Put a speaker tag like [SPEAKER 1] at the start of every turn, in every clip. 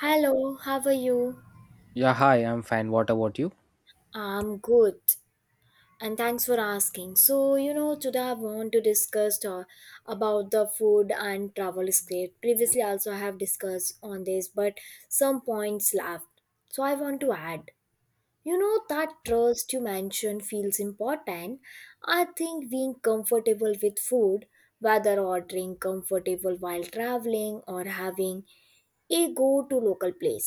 [SPEAKER 1] Hello, how are you?
[SPEAKER 2] Yeah, hi, I'm fine. What about you?
[SPEAKER 1] I'm good, and thanks for asking. So, today I want to discuss about the food and travel escape. Previously, also I have discussed on this, but some points left. So, I want to add. That trust you mentioned feels important. I think being comfortable with food, whether ordering comfortable while traveling or having a go to local place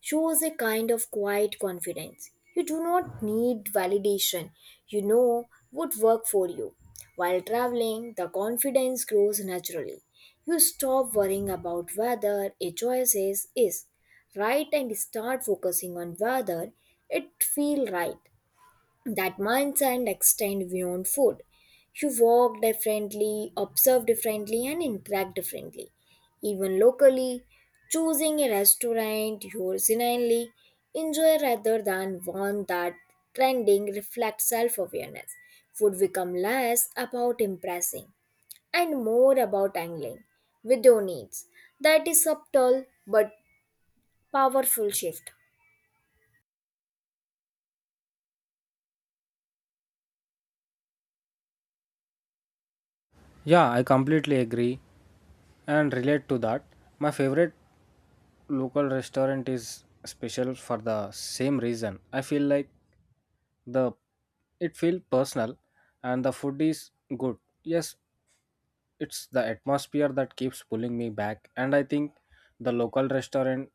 [SPEAKER 1] shows a kind of quiet confidence. You do not need validation, you know what work for you. While traveling, the confidence grows naturally. You stop worrying about whether a choice is right and start focusing on whether it feel right. That mindset extend beyond food. You walk differently, observe differently, and interact differently. Even locally, choosing a restaurant you genuinely enjoy rather than one that trending reflects self-awareness. Food become less about impressing and more about angling with your needs. That is subtle but powerful shift.
[SPEAKER 2] Yeah, I completely agree and relate to that. My favorite local restaurant is special for the same reason. I feel like the it feel personal and the food is good. Yes, it's the atmosphere that keeps pulling me back and I think the local restaurant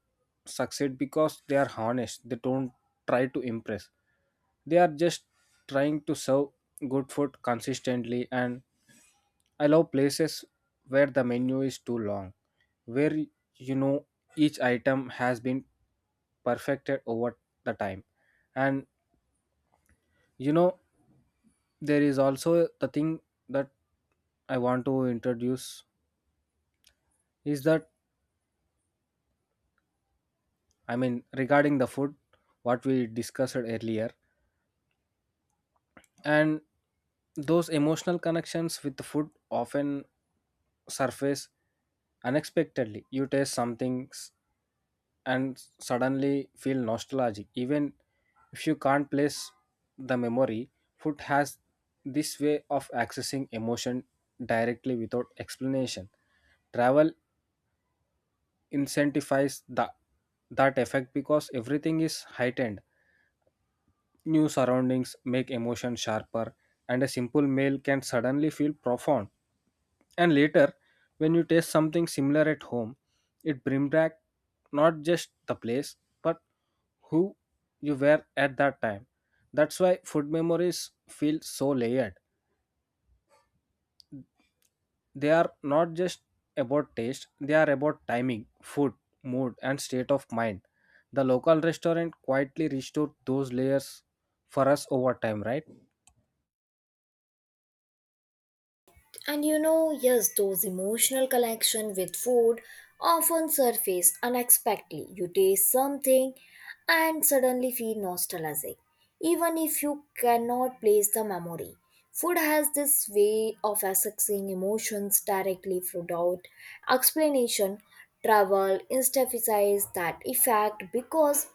[SPEAKER 2] succeed because they are honest. They don't try to impress, they are just trying to serve good food consistently. And I love places where the menu is too long, where you know each item has been perfected over the time. And you know there is also the thing that I want to introduce is that, regarding the food, what we discussed earlier, and those emotional connections with the food often surface unexpectedly. You taste something and suddenly feel nostalgic. Even if you can't place the memory, food has this way of accessing emotion directly without explanation. Travel incentivizes that effect because everything is heightened. New surroundings make emotion sharper, and a simple meal can suddenly feel profound. And later, when you taste something similar at home, it brings back not just the place, but who you were at that time. That's why food memories feel so layered. They are not just about taste, they are about timing, food, mood, and state of mind. The local restaurant quietly restored those layers for us over time, right?
[SPEAKER 1] And yes, those emotional connection with food often surface unexpectedly. You taste something and suddenly feel nostalgic, even if you cannot place the memory. Food has this way of accessing emotions directly without explanation. Travel intensifies that effect because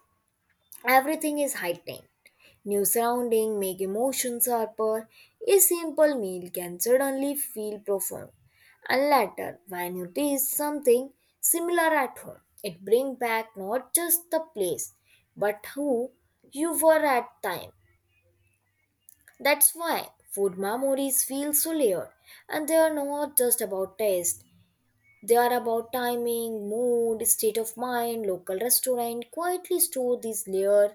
[SPEAKER 1] everything is heightened. New surroundings make emotions sharper. A simple meal can suddenly feel profound. And later, when you taste something similar at home, it brings back not just the place, but who you were at time. That's why food memories feel so layered, and they are not just about taste. They are about timing, mood, state of mind. Local restaurant quietly store these layers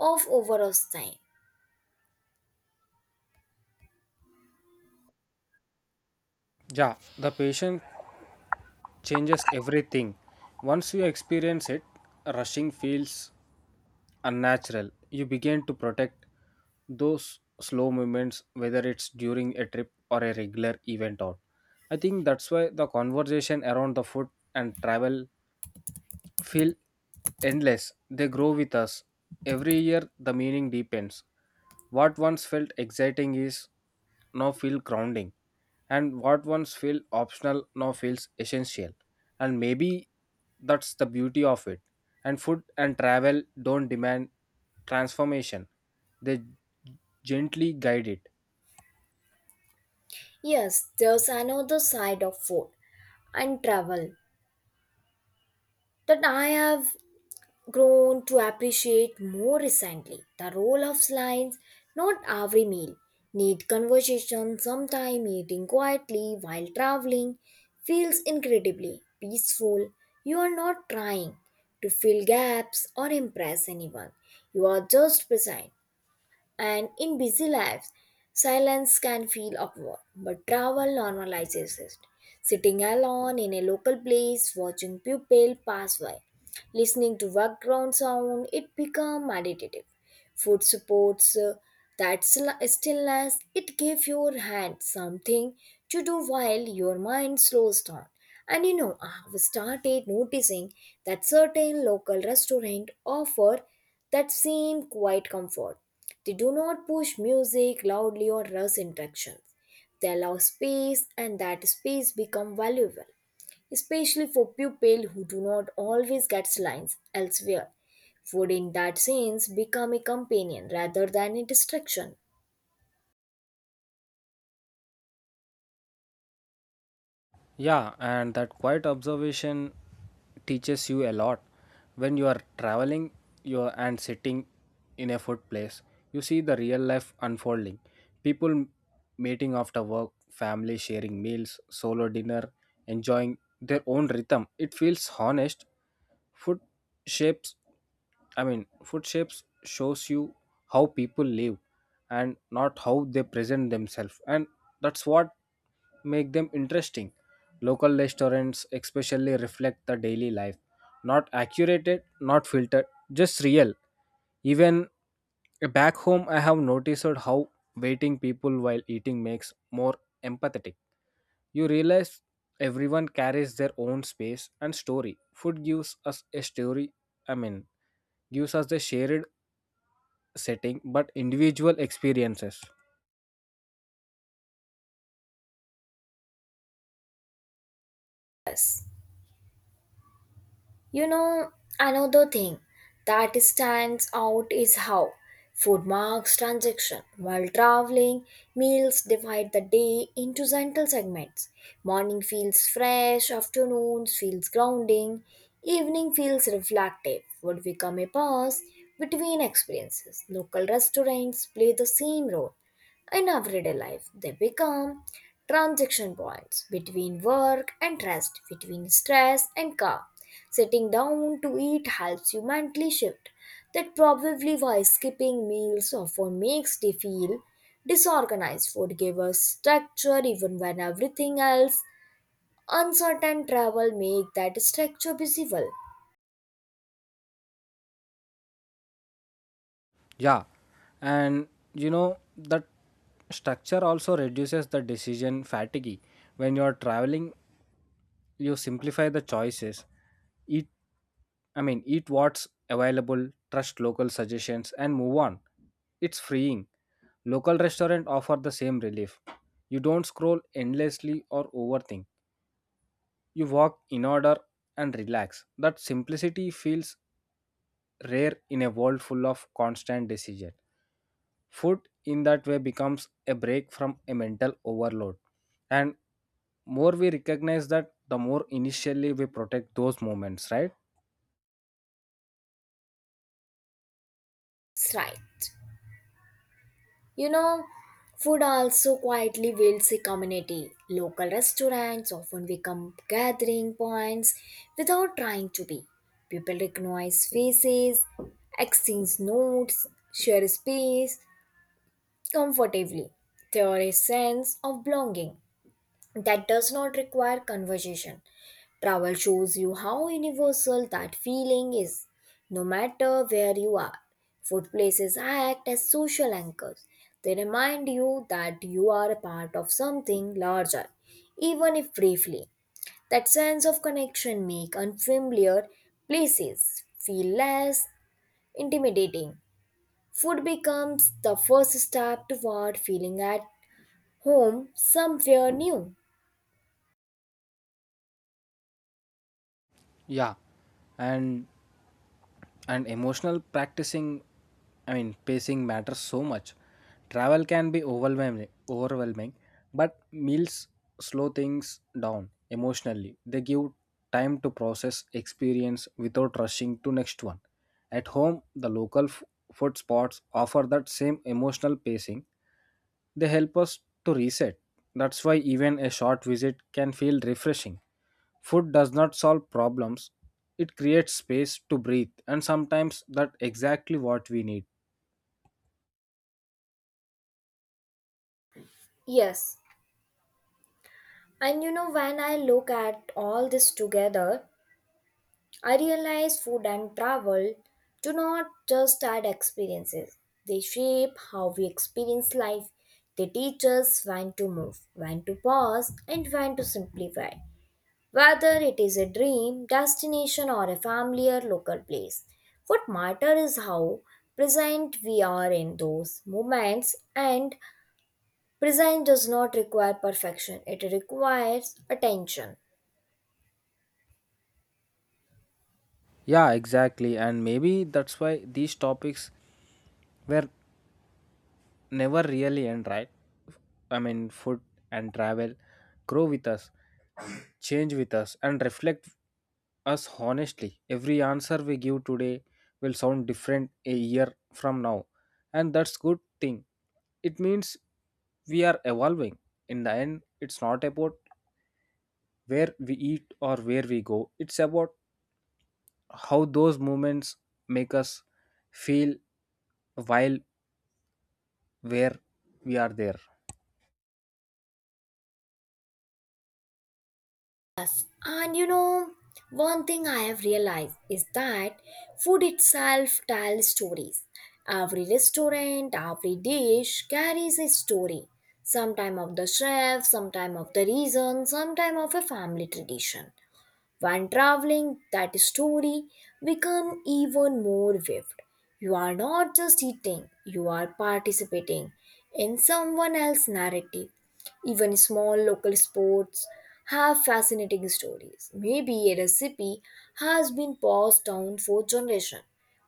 [SPEAKER 1] of overall time.
[SPEAKER 2] Yeah, the patient changes everything. Once you experience it, rushing feels unnatural. You begin to protect those slow movements, whether it's during a trip or a regular event out. I think that's why the conversation around the food and travel feel endless. They grow with us. Every year, the meaning deepens. What once felt exciting is now feel grounding, and what once felt optional now feels essential. And maybe that's the beauty of it. And food and travel don't demand transformation; they gently guide it.
[SPEAKER 1] Yes, there's another side of food and travel that I have grown to appreciate more recently. The role of lines, not every meal. Need conversation, sometime eating quietly while traveling feels incredibly peaceful. You are not trying to fill gaps or impress anyone. You are just present. And in busy lives, silence can feel awkward, but travel normalizes it. Sitting alone in a local place, watching people pass by, listening to background sound, it becomes meditative. Food supports that stillness. It gives your hand something to do while your mind slows down, and I've started noticing that certain local restaurants offer that same quiet comfort. They do not push music loudly or rush interactions. They allow space, and that space become valuable, especially for people who do not always get lines elsewhere. Food in that sense become a companion rather than a distraction.
[SPEAKER 2] Yeah, and that quiet observation teaches you a lot. When you are traveling you are, and sitting in a food place, you see the real life unfolding. People meeting after work, family sharing meals, solo dinner, enjoying their own rhythm. It feels honest. Food shapes I mean, food shapes shows you how people live and not how they present themselves, and that's what make them interesting. Local restaurants especially reflect the daily life, not accurate, not filtered, just real. Even back home, I have noticed how waiting people while eating makes more empathetic. You realize everyone carries their own space and story. Food gives us a story. I mean, gives us the shared setting but individual experiences.
[SPEAKER 1] You know, Another thing that stands out is how food marks transaction. While traveling, meals divide the day into gentle segments. Morning feels fresh, afternoons feels grounding, evening feels reflective. Would become a pause between experiences. Local restaurants play the same role. In everyday life, they become transaction points between work and rest, between stress and calm. Sitting down to eat helps you mentally shift. That probably why skipping meals often makes they feel disorganized. Food gives us structure even when everything else uncertain. Travel make that structure visible.
[SPEAKER 2] Yeah, and that structure also reduces the decision fatigue. When you are traveling you simplify the choices, eat I mean eat what's available, trust local suggestions and move on. It's freeing. Local restaurant offer the same relief. You don't scroll endlessly or overthink, you walk in, order and relax. That simplicity feels rare in a world full of constant decision. Food in that way becomes a break from a mental overload. And more we recognize that, the more initially we protect those moments, right?
[SPEAKER 1] That's right. You know, Food also quietly builds a community. Local restaurants often become gathering points without trying to be. People recognize faces, exchange notes, share space comfortably. There is a sense of belonging that does not require conversation. Travel shows you how universal that feeling is, no matter where you are. Food places act as social anchors. They remind you that you are a part of something larger, even if briefly. That sense of connection make unfamiliar places feel less intimidating. Food becomes the first step toward feeling at home somewhere new.
[SPEAKER 2] Yeah, And and emotional practicing I mean pacing matters so much. Travel can be overwhelming, but meals slow things down emotionally. They give time to process experience without rushing to next one. At home the local food spots offer that same emotional pacing. They help us to reset. That's why even a short visit can feel refreshing. Food does not solve problems, it creates space to breathe, and sometimes that's exactly what we need.
[SPEAKER 1] Yes. And when I look at all this together, I realize food and travel do not just add experiences, they shape how we experience life. They teach us when to move, when to pause, and when to simplify. Whether it is a dream, destination, or a familiar local place, what matters is how present we are in those moments, and present does not require perfection, it requires attention.
[SPEAKER 2] Yeah, exactly. And maybe that's why these topics were never really end, right? Food and travel grow with us, change with us, and reflect us honestly. Every answer we give today will sound different a year from now, and that's good thing. It means we are evolving. In the end, it's not about where we eat or where we go. It's about how those moments make us feel while where we are there.
[SPEAKER 1] And one thing I have realized is that food itself tells stories. Every restaurant, every dish carries a story. Sometime of the chef, sometime of the reason, sometime of a family tradition. When traveling, that story become even more vivid. You are not just eating, you are participating in someone else's narrative. Even small local sports have fascinating stories. Maybe a recipe has been passed down for generations,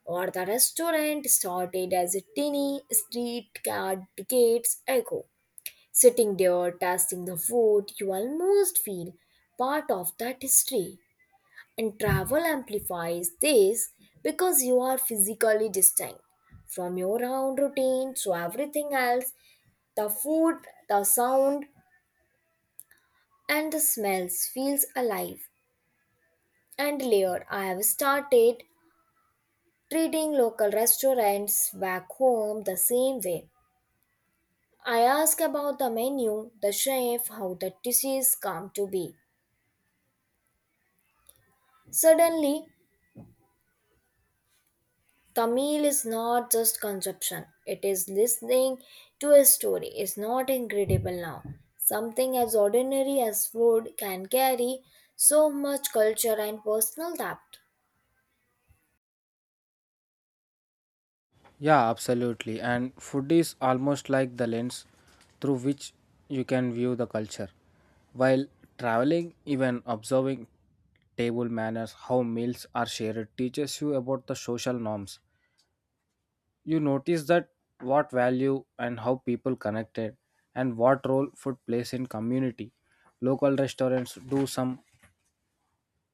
[SPEAKER 1] or the restaurant started as a tiny street cart decades ago. Sitting there tasting the food, you almost feel part of that history. And travel amplifies this because you are physically distinct from your own routine, so everything else, the food, the sound, and the smells feels alive and layered. I have started treating local restaurants back home the same way. I ask about the menu, the chef, how the dishes come to be. Suddenly, Tamil is not just consumption, it is listening to a story. It's not incredible now. Something as ordinary as food can carry so much culture and personal depth.
[SPEAKER 2] Yeah, absolutely. And food is almost like the lens through which you can view the culture. While traveling, even observing table manners, how meals are shared, teaches you about the social norms. You notice that what value and how people connected and what role food plays in community. Local restaurants do some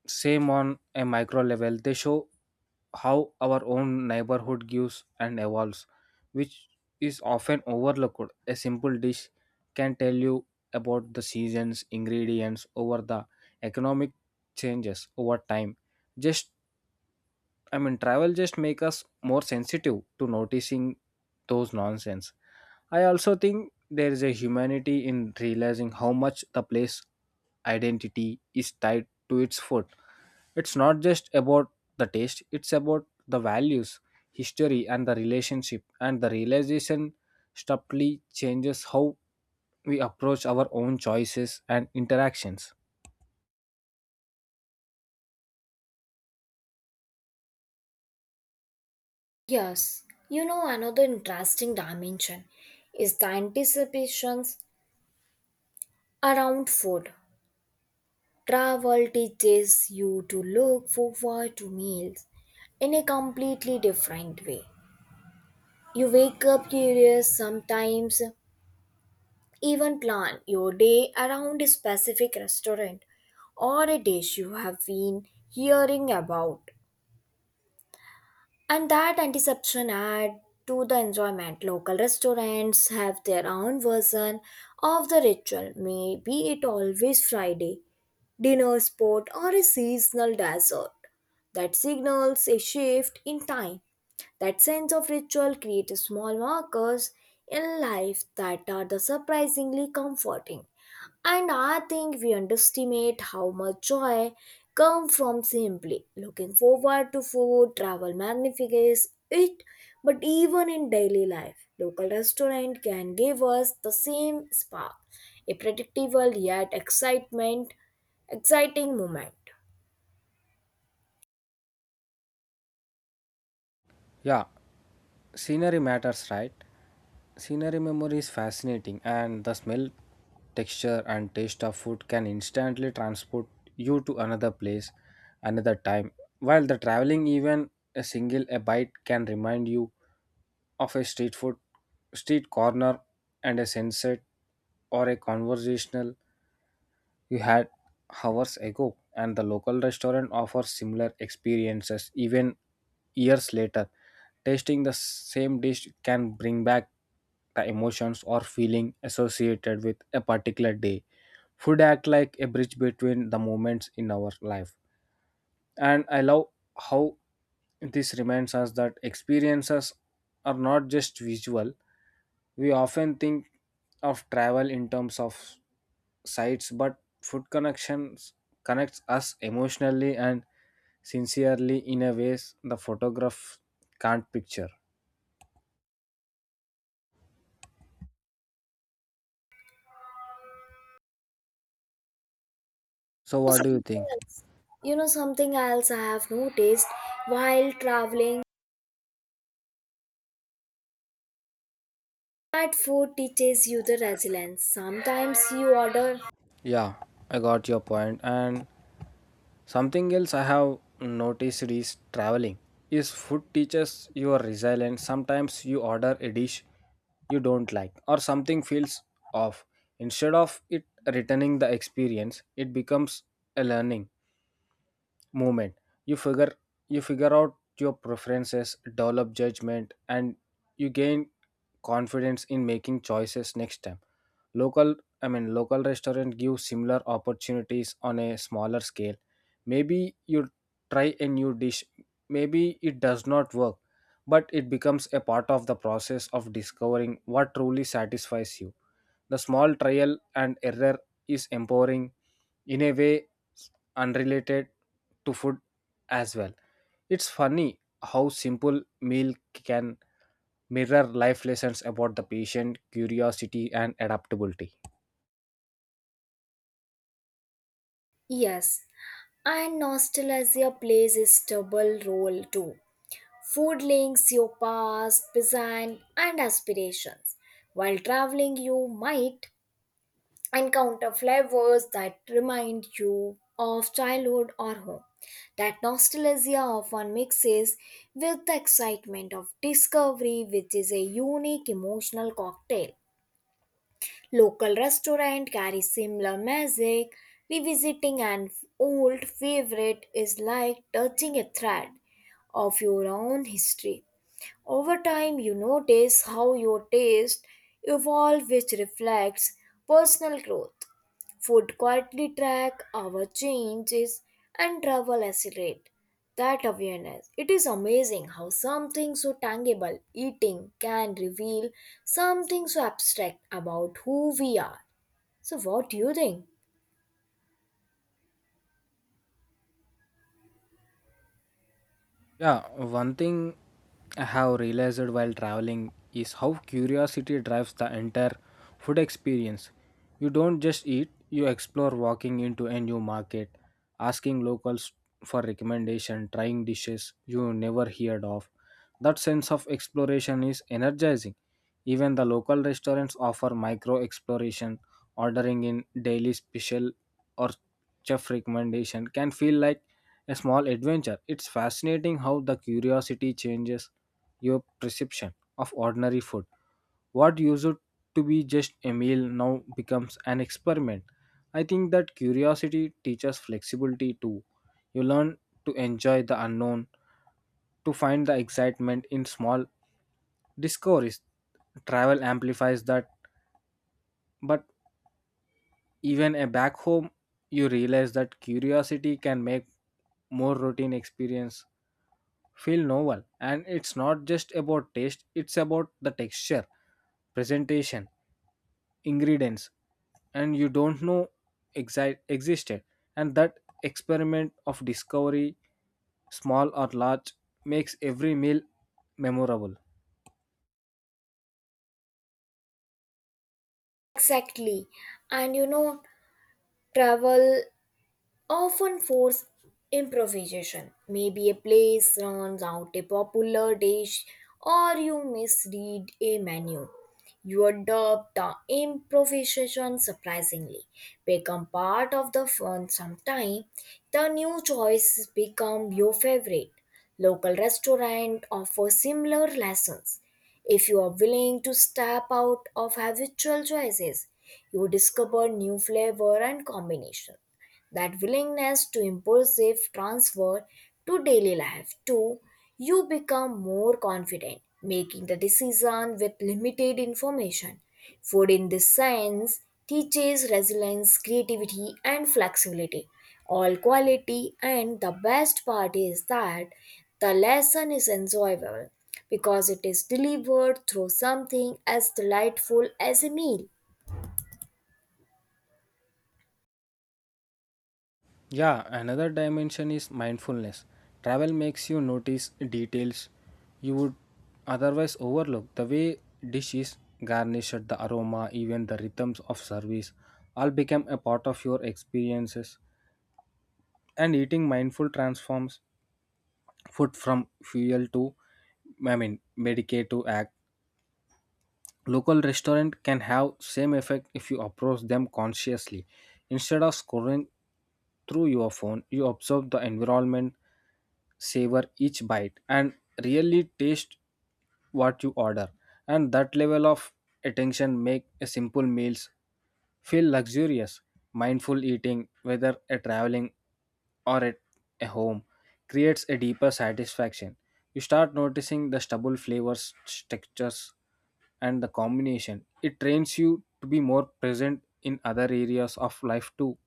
[SPEAKER 2] same on a micro level. They show how our own neighborhood gives and evolves, which is often overlooked. A simple dish can tell you about the seasons, ingredients over the economic changes over time. Just travel just make us more sensitive to noticing those nonsense. I also think there is a humanity in realizing how much the place identity is tied to its food. It's not just about the taste, it's about the values, history, and the relationship. And the realization subtly changes how we approach our own choices and interactions.
[SPEAKER 1] Yes, another interesting dimension is the anticipations around food. Travel teaches you to look forward to meals in a completely different way. You wake up curious sometimes. Even plan your day around a specific restaurant or a dish you have been hearing about. And that anticipation add to the enjoyment. Local restaurants have their own version of the ritual, maybe it always Friday, dinner spot or a seasonal dessert that signals a shift in time. That sense of ritual creates small markers in life that are the surprisingly comforting. And I think we underestimate how much joy comes from simply looking forward to food. Travel magnifies it, but even in daily life, local restaurant can give us the same spark, a predictable yet exciting moment.
[SPEAKER 2] Yeah, scenery matters, right? Scenery memory is fascinating, and the smell, texture, and taste of food can instantly transport you to another place, another time. While the traveling, even a single a bite can remind you of a street food, street corner, and a sunset, or a conversational you had hours ago, and the local restaurant offers similar experiences even years later. Tasting the same dish can bring back the emotions or feeling associated with a particular day. Food act like a bridge between the moments in our life. And I love how this reminds us that experiences are not just visual. We often think of travel in terms of sites, but food connections connects us emotionally and sincerely in a ways the photograph can't picture. So what do you
[SPEAKER 1] something
[SPEAKER 2] think?
[SPEAKER 1] else Something else I have noticed while traveling that food teaches you the resilience. Sometimes you order.
[SPEAKER 2] Yeah, I got your point. And something else I have noticed is traveling is food teaches your resilience. Sometimes you order a dish you don't like or something feels off. Instead of it returning the experience, it becomes a learning movement. you figure you figure out your preferences, develop judgment and you gain confidence in making choices next time. Local I mean Local restaurant give similar opportunities on a smaller scale. Maybe you try a new dish, maybe it does not work, but it becomes a part of the process of discovering what truly satisfies you. The small trial and error is empowering in a way unrelated to food as well. It's funny how simple meal can mirror life lessons about the patient, curiosity, and adaptability.
[SPEAKER 1] Yes, and nostalgia plays a double role too. Food links your past present and aspirations. While traveling, you might encounter flavors that remind you of childhood or home. That nostalgia often mixes with the excitement of discovery, which is a unique emotional cocktail. Local restaurant carry similar magic. Revisiting an old favorite is like touching a thread of your own history. Over time, you notice how your taste evolve, which reflects personal growth. Food quietly track our changes and travel accelerate that awareness. It is amazing how something so tangible, eating, can reveal something so abstract about who we are. So, what do you think?
[SPEAKER 2] Yeah, one thing I have realized while traveling is how curiosity drives the entire food experience. You don't just eat, you explore, walking into a new market, asking locals for recommendation, trying dishes you never heard of. That sense of exploration is energizing. Even the local restaurants offer micro exploration, ordering in daily special or chef recommendation can feel like a small adventure. It's fascinating how the curiosity changes your perception of ordinary food. What used to be just a meal now becomes an experiment. I think that curiosity teaches flexibility too. You learn to enjoy the unknown, to find the excitement in small discoveries. Travel amplifies that, but even a back home, you realize that curiosity can make more routine experience feel novel. And it's not just about taste, it's about the texture, presentation, ingredients and you don't know existed. And that experiment of discovery, small or large, makes every meal memorable.
[SPEAKER 1] Exactly. And travel often force improvisation. Maybe a place runs out a popular dish or you misread a menu. You adopt the improvisation surprisingly, become part of the fun sometime. The new choices become your favorite. Local restaurant offer similar lessons. If you are willing to step out of habitual choices, you discover new flavor and combination. That willingness to impulsive transfer to daily life too. You become more confident making the decision with limited information. Food in this sense teaches resilience, creativity and flexibility, all quality, and the best part is that the lesson is enjoyable because it is delivered through something as delightful as a meal.
[SPEAKER 2] Yeah, another dimension is mindfulness. Travel makes you notice details you would otherwise overlook. The way dishes garnished, the aroma, even the rhythms of service all become a part of your experiences. And eating mindful transforms food from fuel to medicate to act. Local restaurant can have same effect if you approach them consciously. Instead of scoring through your phone, you observe the environment, savor each bite, and really taste what you order. And that level of attention make a simple meals feel luxurious. Mindful eating, whether at traveling or at a home, creates a deeper satisfaction. You start noticing the stubble flavors, textures, and the combination. It trains you to be more present in other areas of life too.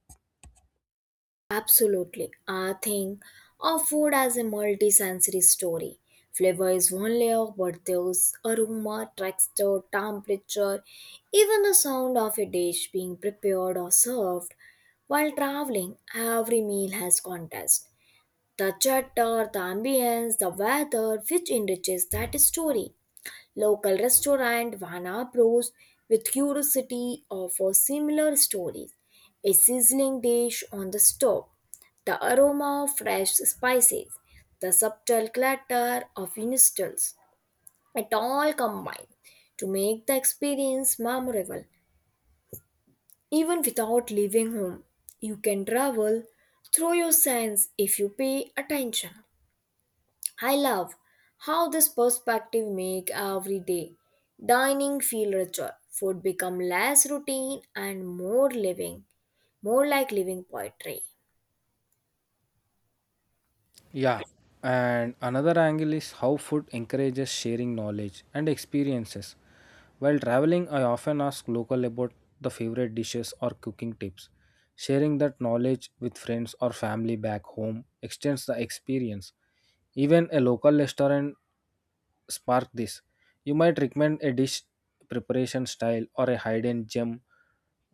[SPEAKER 1] Absolutely. I think of food as a multi-sensory story. Flavor is one layer, but there's aroma, texture, temperature, even the sound of a dish being prepared or served. While traveling, every meal has context. The chatter, the ambience, the weather, which enriches that story. Local restaurant Vana Bros with curiosity offer similar stories. A sizzling dish on the stove, the aroma of fresh spices, the subtle clatter of instants. It all combined to make the experience memorable. Even without leaving home, you can travel through your sense if you pay attention. I love how this perspective make every day dining feel richer. Food become less routine and more living, more like living poetry.
[SPEAKER 2] Yeah, and another angle is how food encourages sharing knowledge and experiences. While traveling, I often ask local about the favorite dishes or cooking tips. Sharing that knowledge with friends or family back home extends the experience. Even a local restaurant spark this. You might recommend a dish, preparation style or a hidden gem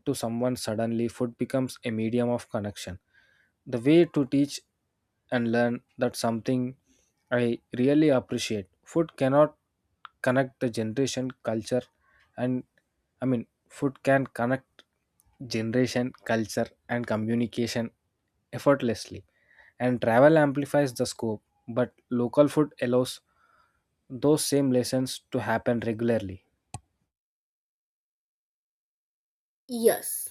[SPEAKER 2] to someone. Suddenly food becomes a medium of connection, the way to teach and learn. That's something I really appreciate. Food cannot connect the generation culture and I mean Food can connect generation, culture and communication effortlessly. And travel amplifies the scope, but local food allows those same lessons to happen regularly.
[SPEAKER 1] Yes,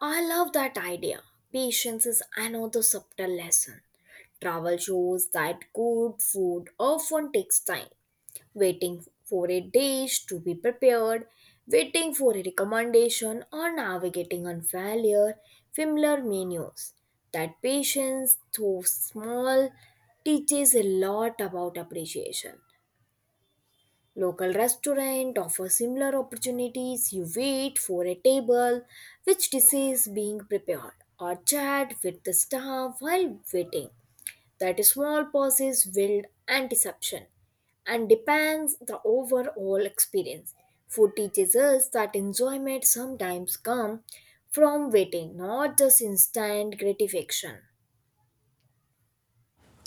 [SPEAKER 1] I love that idea. Patience is another subtle lesson. Travel shows that good food often takes time, waiting for a dish to be prepared, waiting for a recommendation, or navigating unfamiliar familiar menus. That patience, though small, teaches a lot about appreciation. Local restaurant offer similar opportunities. You wait for a table, which dish is being prepared, or chat with the staff while waiting. That small pauses build anticipation and depends the overall experience. Food teaches us that enjoyment sometimes comes from waiting, not just instant gratification.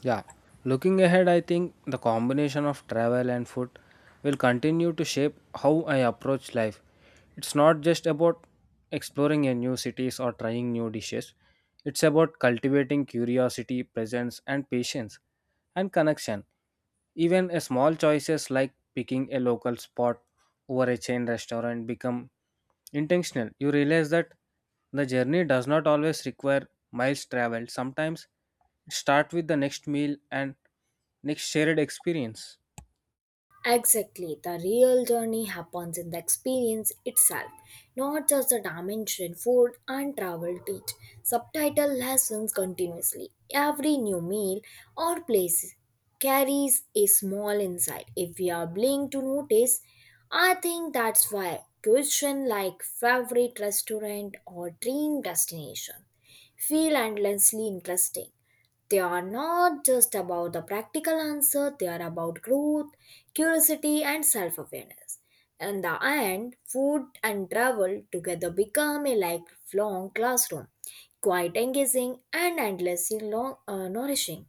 [SPEAKER 2] Yeah, looking ahead, I think the combination of travel and food will continue to shape how I approach life. It's not just about exploring a new cities or trying new dishes. It's about cultivating curiosity, presence, and patience and connection. Even a small choices like picking a local spot over a chain restaurant become intentional. You realize that the journey does not always require miles traveled. Sometimes it starts with the next meal and next shared experience.
[SPEAKER 1] Exactly. The real journey happens in the experience itself, not just the dimension food and travel teach. Subtitle lessons continuously. Every new meal or place carries a small insight. If we are willing to notice, I think that's why question like favorite restaurant or dream destination feel endlessly interesting. They are not just about the practical answer, they are about growth, curiosity, and self awareness. In the end, food and travel together become a lifelong classroom, quite engaging and endlessly long, nourishing.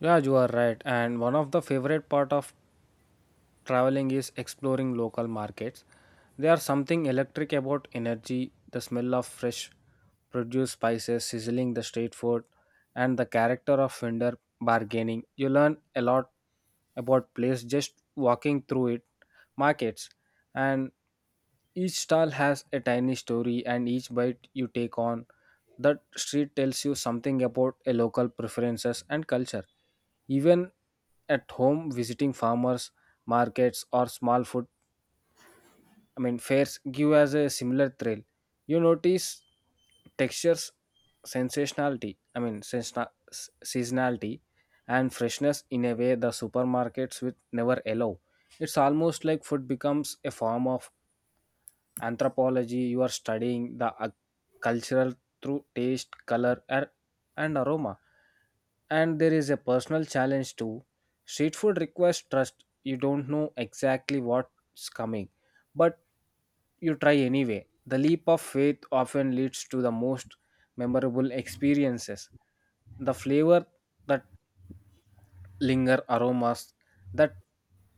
[SPEAKER 2] Yeah, you are right. And one of the favorite part of traveling is exploring local markets. There are something electric about energy, the smell of fresh produce, spices, sizzling the street food, and the character of vendor bargaining. You learn a lot about place just walking through it, markets, and each stall has a tiny story, and each bite you take on that street tells you something about a local preferences and culture. Even at home, visiting farmers markets or small food I mean fairs give us a similar thrill. You notice textures, sensationality I mean sensna- s- seasonality and freshness in a way the supermarkets would never allow. It's almost like food becomes a form of anthropology. You are studying the cultural through taste, color, and aroma. And there is a personal challenge too. Street food requires trust. You don't know exactly what's coming, but you try anyway. The leap of faith often leads to the most memorable experiences: the flavor that linger, aromas that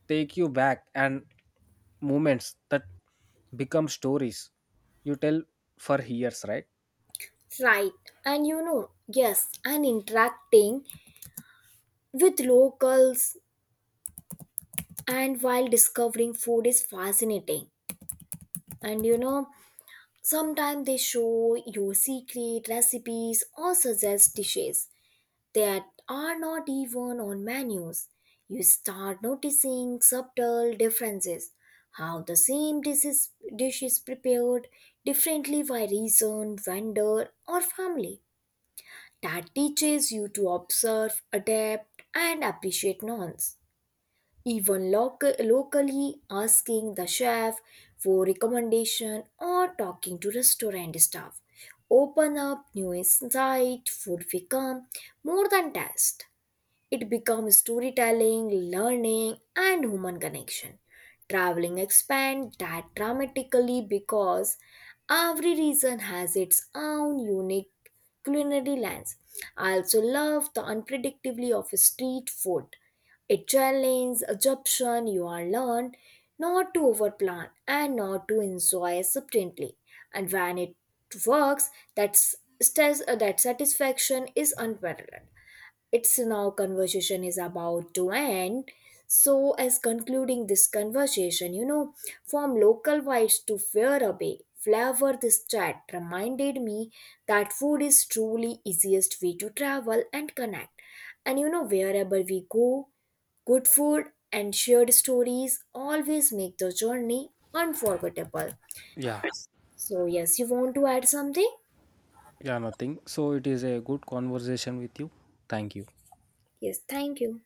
[SPEAKER 2] take you back, and moments that become stories you tell for years, right?
[SPEAKER 1] Right, and yes, and interacting with locals and while discovering food is fascinating. And sometimes they show you secret recipes or suggest dishes that are not even on menus. You start noticing subtle differences, how the same dish is prepared differently by region, vendor, or family. That teaches you to observe, adapt, and appreciate nuance. Even locally, asking the chef for recommendation or talking to restaurant staff open up new insight. Food become more than taste. It becomes storytelling, learning, and human connection. Traveling expands that dramatically because every region has its own unique culinary lens. I also love the unpredictability of street food. It challenges assumption. You are learned not to overplan and not to enjoy subtently. And when it works, that's, that satisfaction is unparalleled. It's now conversation is about to end, so as concluding this conversation, from local vibes to far away flavor, this chat reminded me that food is truly easiest way to travel and connect. And wherever we go, good food and shared stories always make the journey unforgettable.
[SPEAKER 2] Yeah.
[SPEAKER 1] So yes, you want to add something?
[SPEAKER 2] Yeah, nothing. So it is a good conversation with you. Thank you.
[SPEAKER 1] Yes, thank you.